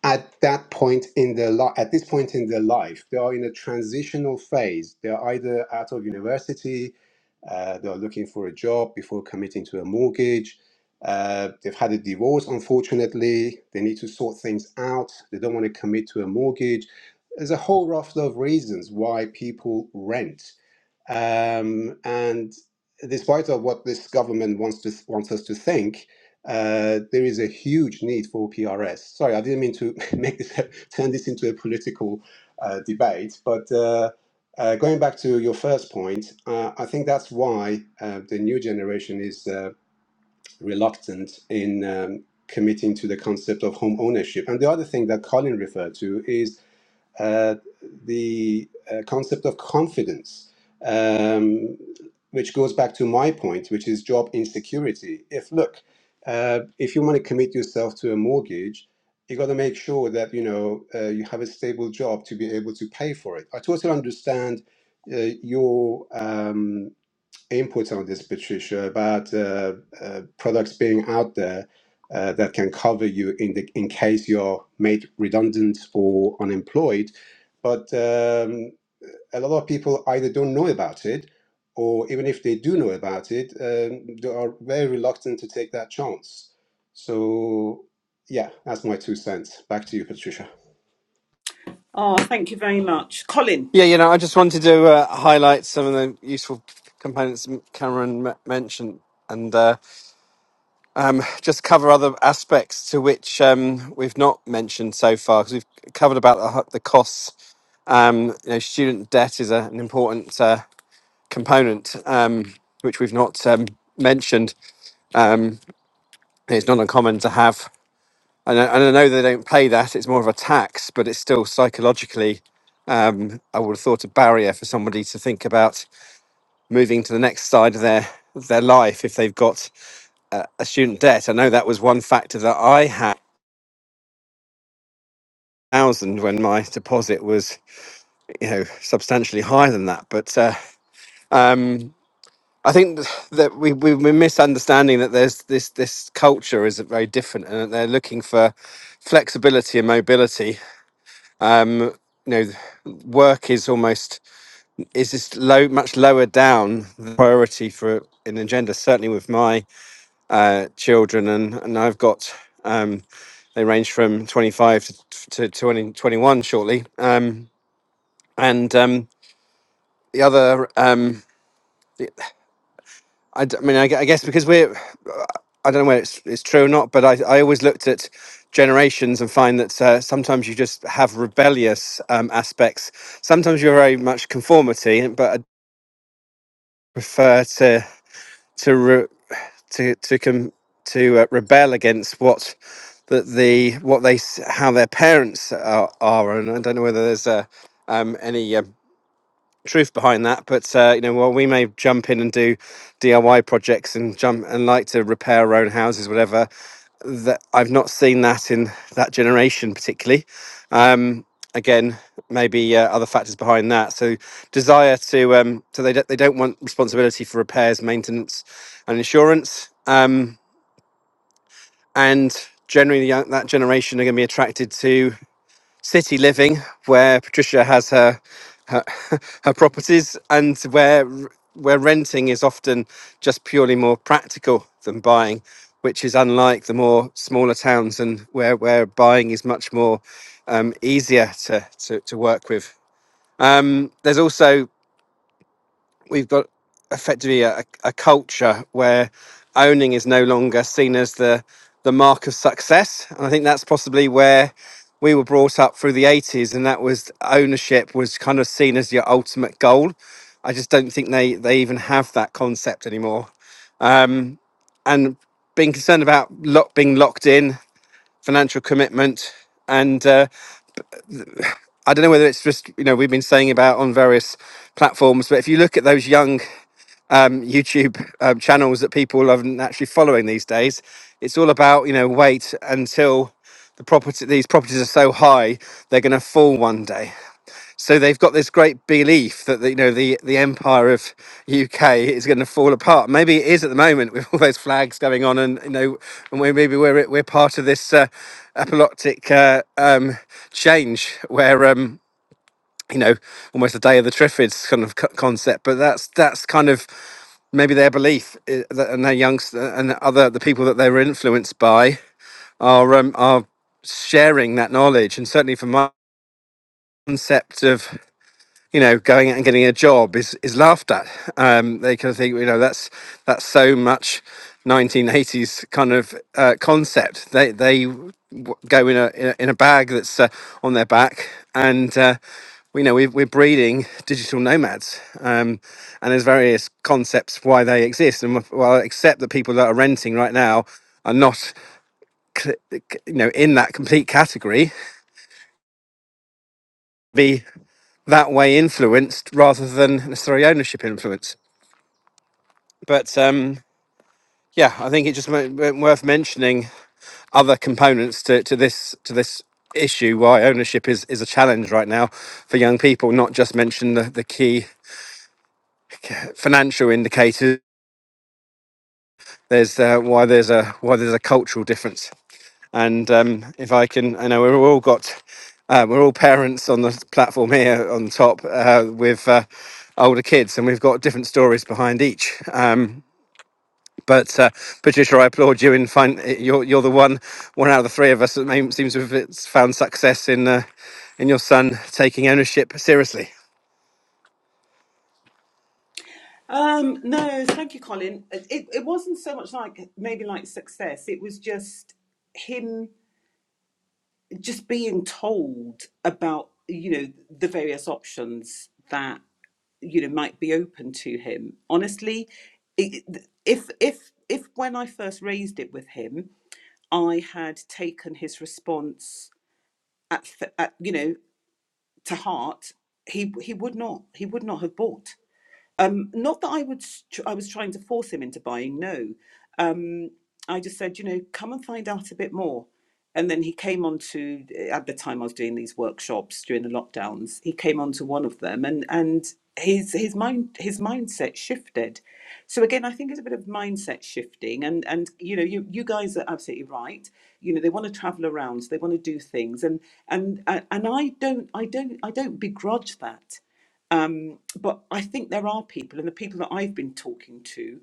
[SPEAKER 3] at that point in their life at this point in their life they are in a transitional phase they're either out of university uh, they're looking for a job before committing to a mortgage uh, they've had a divorce unfortunately they need to sort things out they don't want to commit to a mortgage there's a whole raft of reasons why people rent um, and despite of what this government wants to wants us to think, uh, there is a huge need for PRS. Sorry, I didn't mean to make this turn this into a political uh, debate, but. Uh, uh, going back to your first point, uh, I think that's why uh, the new generation is uh, reluctant in um, committing to the concept of home ownership. And the other thing that Colin referred to is uh, the uh, concept of confidence, um, which goes back to my point, which is job insecurity. If look, uh, if you want to commit yourself to a mortgage, you got to make sure that you know uh, you have a stable job to be able to pay for it. I totally understand uh, your um, inputs on this, Patricia, about uh, uh, products being out there uh, that can cover you in the in case you're made redundant or unemployed. But um, a lot of people either don't know about it, or even if they do know about it, um, they are very reluctant to take that chance. So, yeah, that's my two cents. Back to you, Patricia.
[SPEAKER 1] oh thank you very much colin
[SPEAKER 2] Yeah, you know, I just wanted to uh, highlight some of the useful components m- Cameron m- mentioned, and uh, um, just cover other aspects to which um, we've not mentioned so far, because we've covered about the, ho- the costs. Um, you know, student debt is a, an important uh, component um, which we've not um, mentioned. Um, it's not uncommon to have, and I, and I know they don't pay that; it's more of a tax, but it's still psychologically um, I would have thought a barrier for somebody to think about moving to the next side of their of their life if they've got uh, a student debt. I know that was one factor that I had thousand when my deposit was you know substantially higher than that. But uh, um, I think th- that we, we we're misunderstanding that there's this this culture is very different and that they're looking for flexibility and mobility. Um, you know, work is almost is just low, much lower down the priority for an agenda. Certainly with my uh, children, and and I've got um, they range from 25 to, to 20, twenty-one shortly. Um, and um, the other, um, I, d- I mean, I, gue- I guess because we're, I don't know whether it's, it's true or not, but I, I always looked at generations and find that uh, sometimes you just have rebellious um, aspects. Sometimes you're very much conformity, but I prefer to. to re- to to com- to uh, rebel against what that the what they s- how their parents are, are and I don't know whether there's uh, um, any um truth behind that but uh, you know while we may jump in and do DIY projects and jump and like to repair our own houses whatever that I've not seen that in that generation particularly. Um, again, maybe uh, other factors behind that. So desire to um, so they don't, they don't want responsibility for repairs, maintenance, and insurance. Um, and generally, the young- that generation are going to be attracted to city living where Patricia has her her, her properties and where where renting is often just purely more practical than buying, which is unlike the more smaller towns and where where buying is much more um, easier to, to to work with. Um, there's also we've got effectively a, a culture where owning is no longer seen as the the mark of success and i think that's possibly where we were brought up through the 80s and that was ownership was kind of seen as your ultimate goal i just don't think they they even have that concept anymore um and being concerned about lock, being locked in financial commitment and uh, I don't know whether it's just you know we've been saying about on various platforms, but if you look at those young um, YouTube um, channels that people aren't actually following these days. It's all about you know wait until the property these properties are so high they're going to fall one day. So they've got this great belief that the, you know the the empire of UK is going to fall apart. Maybe it is at the moment with all those flags going on, and you know, and we, maybe we're we're part of this uh, apocalyptic uh, um, change where. Um, you know, almost a day of the Triffids kind of co- concept. But that's that's kind of maybe their belief, i- that- and their youngs eh, and other the people that they were influenced by are um, are sharing that knowledge. And certainly for my concept of you know, going out and getting a job is is laughed at. Um, they kind of think, you know, that's that's so much 1980s kind of uh, concept. They they w- go in a in a, in a bag that's uh, on their back, and uh, we know we, we're breeding digital nomads. Um, and there's various concepts why they exist, and well, except that people that are renting right now are not c- c- you know in that complete category be that way influenced rather than necessarily ownership influence but um, yeah, I think it just mo- w- worth mentioning other components to, to this to this issue why ownership is is a challenge right now for young people. Not just mention the, the key financial indicators. There's uh, why there's a why there's a cultural difference. And um, if I can, I know we've all got uh, we're all parents on the platform here on top uh, with uh, older kids, and we've got different stories behind each. Um, But uh, Patricia, I applaud you in find you're you're the one one out of the three of us that may, seems to have it's found success in uh, in your son taking ownership seriously.
[SPEAKER 1] Um, no, thank you, Colin. It, it wasn't so much like maybe like success. It was just him just being told about, you know, the various options that, you know, might be open to him. Honestly, it, if, if, if when I first raised it with him, I had taken his response at, at you know, to heart, he, he would not, he would not have bought um, not that I would, tr- I was trying to force him into buying. No, um, I just said, you know, come and find out a bit more. And then he came on to at the time I was doing these workshops during the lockdowns. He came on to one of them, and and his his mind his mindset shifted. So again, I think it's a bit of mindset shifting, and and you know, you you guys are absolutely right. You know, they want to travel around, so they want to do things, and and and I don't I don't I don't begrudge that um, but I think there are people, and the people that I've been talking to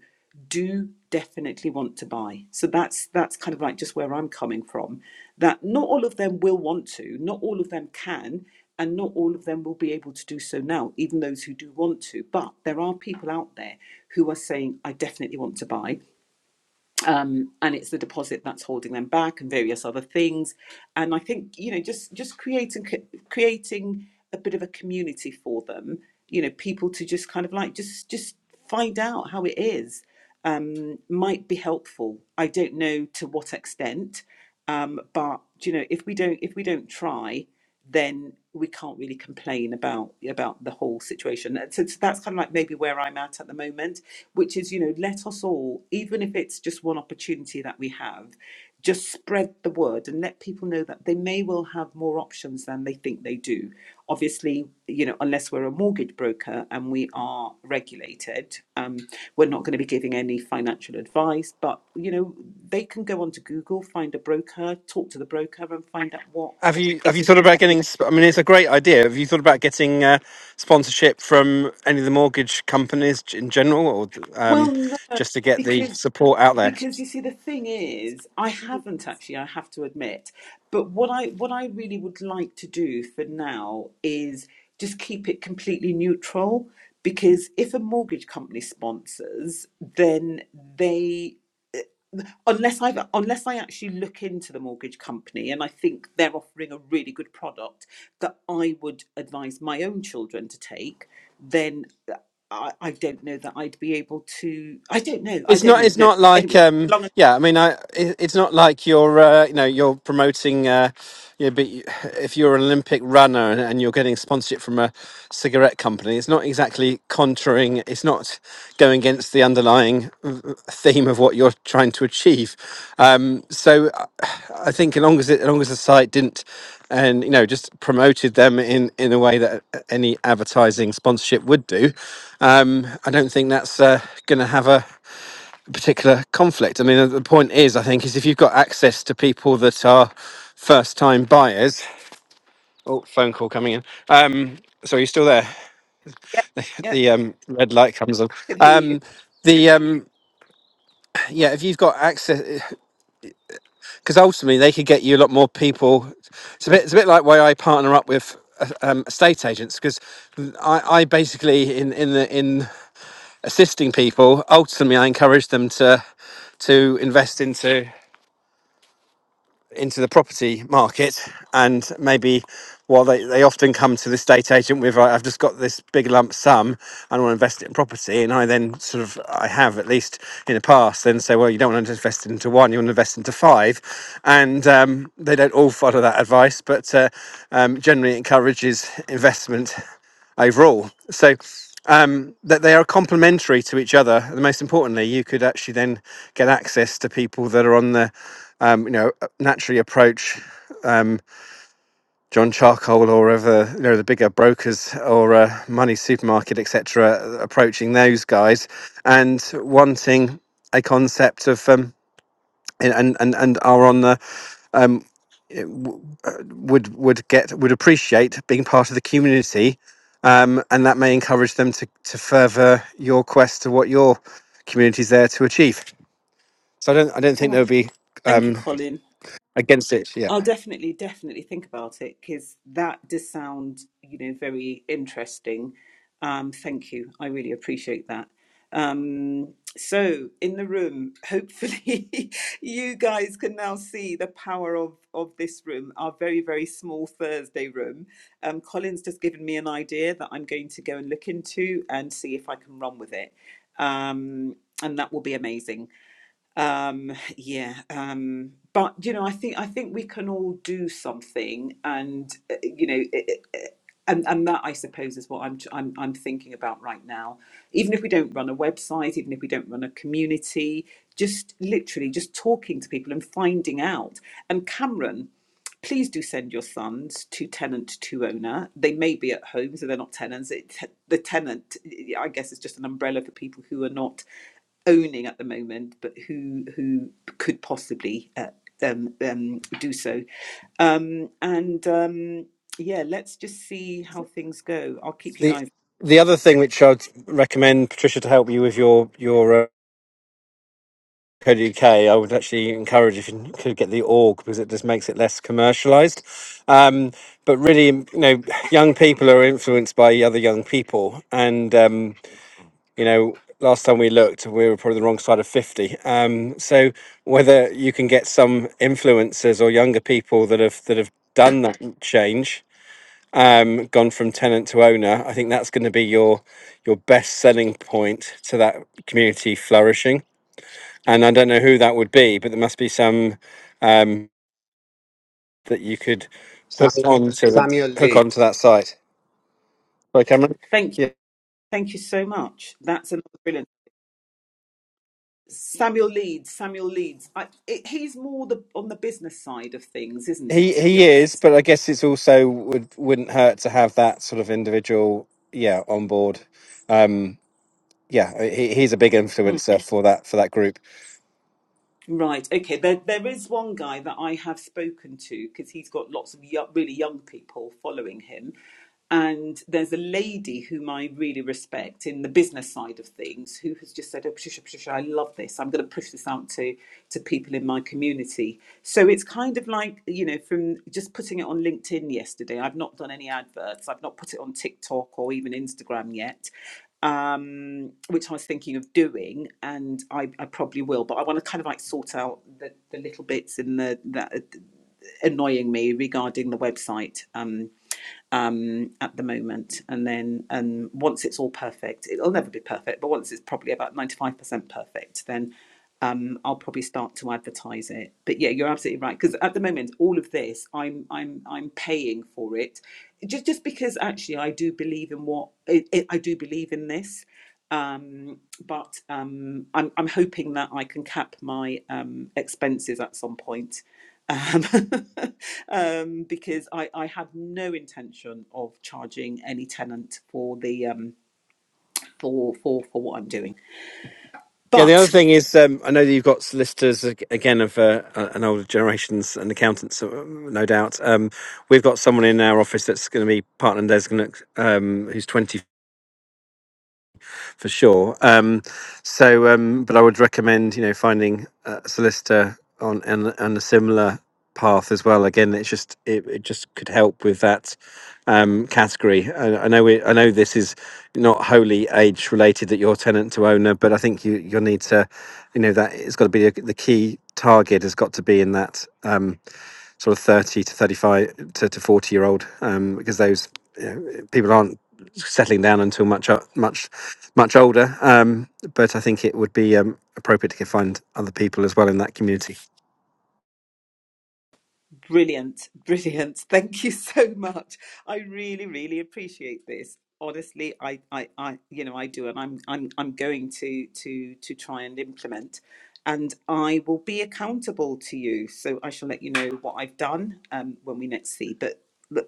[SPEAKER 1] do definitely want to buy. So that's that's kind of like just where I'm coming from. That not all of them will want to, not all of them can, and not all of them will be able to do so now, even those who do want to. But there are people out there who are saying, I definitely want to buy um, and it's the deposit that's holding them back and various other things and i think you know just just creating co- creating a bit of a community for them you know people to just kind of like just just find out how it is um, might be helpful i don't know to what extent um, but you know if we don't if we don't try then we can't really complain about about the whole situation. And So, so that's kind of like maybe where I'm at at the moment, which is you know let us all, even if it's just one opportunity that we have, just spread the word and let people know that they may well have more options than they think they do. Obviously, you know, unless we're a mortgage broker and we are regulated, um, we're not going to be giving any financial advice. But you know, they can go onto Google, find a broker, talk to the broker, and find out what
[SPEAKER 2] Have you have
[SPEAKER 1] it
[SPEAKER 2] you
[SPEAKER 1] is.
[SPEAKER 2] thought about getting? sp- I mean, it's a great idea. Have you thought about getting uh, sponsorship from any of the mortgage companies g- in general, or
[SPEAKER 1] Well,
[SPEAKER 2] um,
[SPEAKER 1] no,
[SPEAKER 2] just to get the
[SPEAKER 1] because
[SPEAKER 2] support out there?
[SPEAKER 1] because you see, the thing is, I haven't actually. I have to admit, but what I what I really would like to do for now is just keep it completely neutral. Because if a mortgage company sponsors, then they unless I unless I actually look into the mortgage company and I think they're offering a really good product that I would advise my own children to take, then I, I don't know that I'd be able to. I don't know. I
[SPEAKER 2] It's
[SPEAKER 1] don't
[SPEAKER 2] not.
[SPEAKER 1] know.
[SPEAKER 2] It's
[SPEAKER 1] No.
[SPEAKER 2] not like.
[SPEAKER 1] Anyway,
[SPEAKER 2] Um,
[SPEAKER 1] long as
[SPEAKER 2] yeah, I mean, I. It, it's not like you're. Uh, you know, you're promoting. Uh, you know, but you- if you're an Olympic runner and, and you're getting sponsorship from a cigarette company, it's not exactly contraring. It's not going against the underlying mm, theme of what you're trying to achieve. Um, so, I I think as long as it, as long as the site didn't, and you know, just promoted them in in a way that any advertising sponsorship would do, um, I don't think that's uh, going to have a particular conflict. I mean, the point is, I think, is if you've got access to people that are first-time buyers. Oh, phone call coming in. Um, sorry, you still there?
[SPEAKER 1] yeah, yeah,
[SPEAKER 2] The um, red light comes on.
[SPEAKER 1] I can hear you.
[SPEAKER 2] Um, the um, yeah, if you've got access, because ultimately they could get you a lot more people. It's a bit, it's a bit like why I partner up with uh, um, estate agents because I, I basically in in the in assisting people ultimately I encourage them to to invest into into the property market and maybe while they, they often come to the estate agent with "Right, i've just got this big lump sum and I want to invest it in property and i then sort of i have at least in the past then say well you don't want to invest into one you want to invest into five and um, they don't all follow that advice but uh, um, generally encourages investment overall. So um, that they are complementary to each other, and most importantly, you could actually then get access to people that are on the um, you know naturally approach um, John Charcoal or other you know the bigger brokers or uh, Money Supermarket etc. Approaching those guys and wanting a concept of um, and and and and are on the um eh, w- uh, would would get would appreciate being part of the community um and that may encourage them to to further your quest to what your community's there to achieve so i don't i don't think
[SPEAKER 1] Oh,
[SPEAKER 2] they'll be
[SPEAKER 1] thank you,
[SPEAKER 2] um
[SPEAKER 1] Colin.
[SPEAKER 2] against it yeah
[SPEAKER 1] I'll definitely, definitely think about it because that does sound, you know, very interesting. Um, thank you. I really appreciate that. Um, so, in the room, hopefully, you guys can now see the power of of this room, our very, very small Thursday room. Um, Colin's just given me an idea that I'm going to go and look into and see if I can run with it. Um, and that will be amazing um yeah um but you know i think i think we can all do something and uh, you know it, it, and, and that i suppose is what I'm, I'm i'm thinking about right now even if we don't run a website even if we don't run a community just literally just talking to people and finding out and cameron please do send your sons to tenant to owner. They may be at home, so they're not tenants. It, the tenant, I guess, is just an umbrella for people who are not owning at the moment, but who who could possibly uh, um, um, do so. Um, and um, yeah, let's just see how things go. I'll keep you
[SPEAKER 2] the
[SPEAKER 1] guys.
[SPEAKER 2] the
[SPEAKER 1] posted.
[SPEAKER 2] other thing which i'd recommend patricia to help you with your your uh, Code UK, I would actually encourage if you could get the org because it just makes it less commercialized. Um, but really, you know, young people are influenced by other young people, and um, you know, last time we looked, we were probably the wrong side of fifty. Um, so whether you can get some influencers or younger people that have that have done that change, um, gone from tenant to owner, I think that's going to be your your best selling point to that community flourishing and I don't know who that would be, but there must be some um, that you could hook
[SPEAKER 3] Samuel,
[SPEAKER 2] on to that
[SPEAKER 3] Samuel
[SPEAKER 2] hook
[SPEAKER 3] Lee.
[SPEAKER 2] onto that site. Right, Cameron.
[SPEAKER 1] Thank
[SPEAKER 2] Yeah,
[SPEAKER 1] you, thank you so much. That's another brilliant. Samuel Leeds, Samuel Leeds. I, it, he's more the on the business side of things, isn't he?
[SPEAKER 2] he
[SPEAKER 1] To be
[SPEAKER 2] he is,
[SPEAKER 1] honest
[SPEAKER 2] but I guess it's also would wouldn't hurt to have that sort of individual, yeah, on board. Um, yeah, he, he's a big
[SPEAKER 1] Mm,
[SPEAKER 2] influencer for that for that group.
[SPEAKER 1] Right. Okay. There, there is one guy that I have spoken to because he's got lots of yo really young people following him, and there's a lady whom I really respect in the business side of things who has just said, "Oh, Patricia, Patricia, I love this. I'm going to push this out to to people in my community." So it's kind of like you know, from just putting it on LinkedIn yesterday. I've not done any adverts. I've not put it on TikTok or even Instagram yet, um, which I was thinking of doing, and I, I probably will. But I want to kind of like sort out the, the little bits in the that are annoying me regarding the website um, um, at the moment, and then um, once it's all perfect, it'll never be perfect, but once it's probably about ninety five percent perfect, then. Um, I'll probably start to advertise it, but yeah, you're absolutely right. Because at the moment, all of this, I'm I'm I'm paying for it, just just because actually I do believe in what I I I do believe in this, um, but um, I'm, I'm hoping that I can cap my um, expenses at some point um, um, because I, I have no intention of charging any tenant for the um, for for for what I'm doing.
[SPEAKER 2] Yeah, the other
[SPEAKER 1] But
[SPEAKER 2] thing is, um, I know that you've got solicitors ag- again of uh, an older generations and accountants, uh, no doubt. Um, we've got someone in our office that's going to be partner designate um, who's twenty. for sure. Um, so, um, but I would recommend you know finding a solicitor on and and a similar path as well. Again, it's just it, it just could help with that um, category. I, I know we I know this is not wholly age related that you're tenant to owner, but I think you you'll need to, you know, that it's got to be a, the key target has got to be in that um, sort of thirty to thirty five to, to forty year old um, because those you know, people aren't settling down until much o- much much older. Um, but I think it would be um, appropriate to find other people as well in that community.
[SPEAKER 1] Brilliant, brilliant. Thank you so much. I really, really appreciate this. Honestly, I, I, I you know, I do, and I'm, I'm, I'm going to, to, to try and implement, and I will be accountable to you. So I shall let you know what I've done um, when we next see. But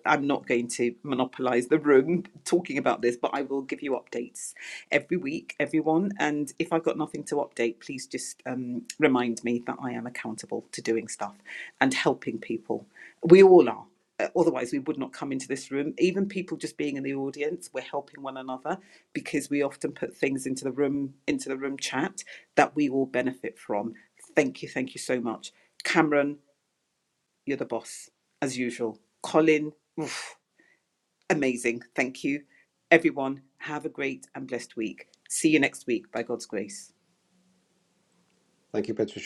[SPEAKER 1] I'm not going to monopolize the room talking about this, but I will give you updates every week, everyone. And if I've got nothing to update, please just um, remind me that I am accountable to doing stuff and helping people. We all are. Uh, Otherwise, we would not come into this room. Even people just being in the audience, we're helping one another because we often put things into the room, into the room chat that we all benefit from. Thank you, thank you so much, Cameron. You're the boss as usual. Colin, oof, Amazing. Thank you. Everyone, have a great and blessed week. See you next week by God's grace.
[SPEAKER 3] Thank you, Patricia.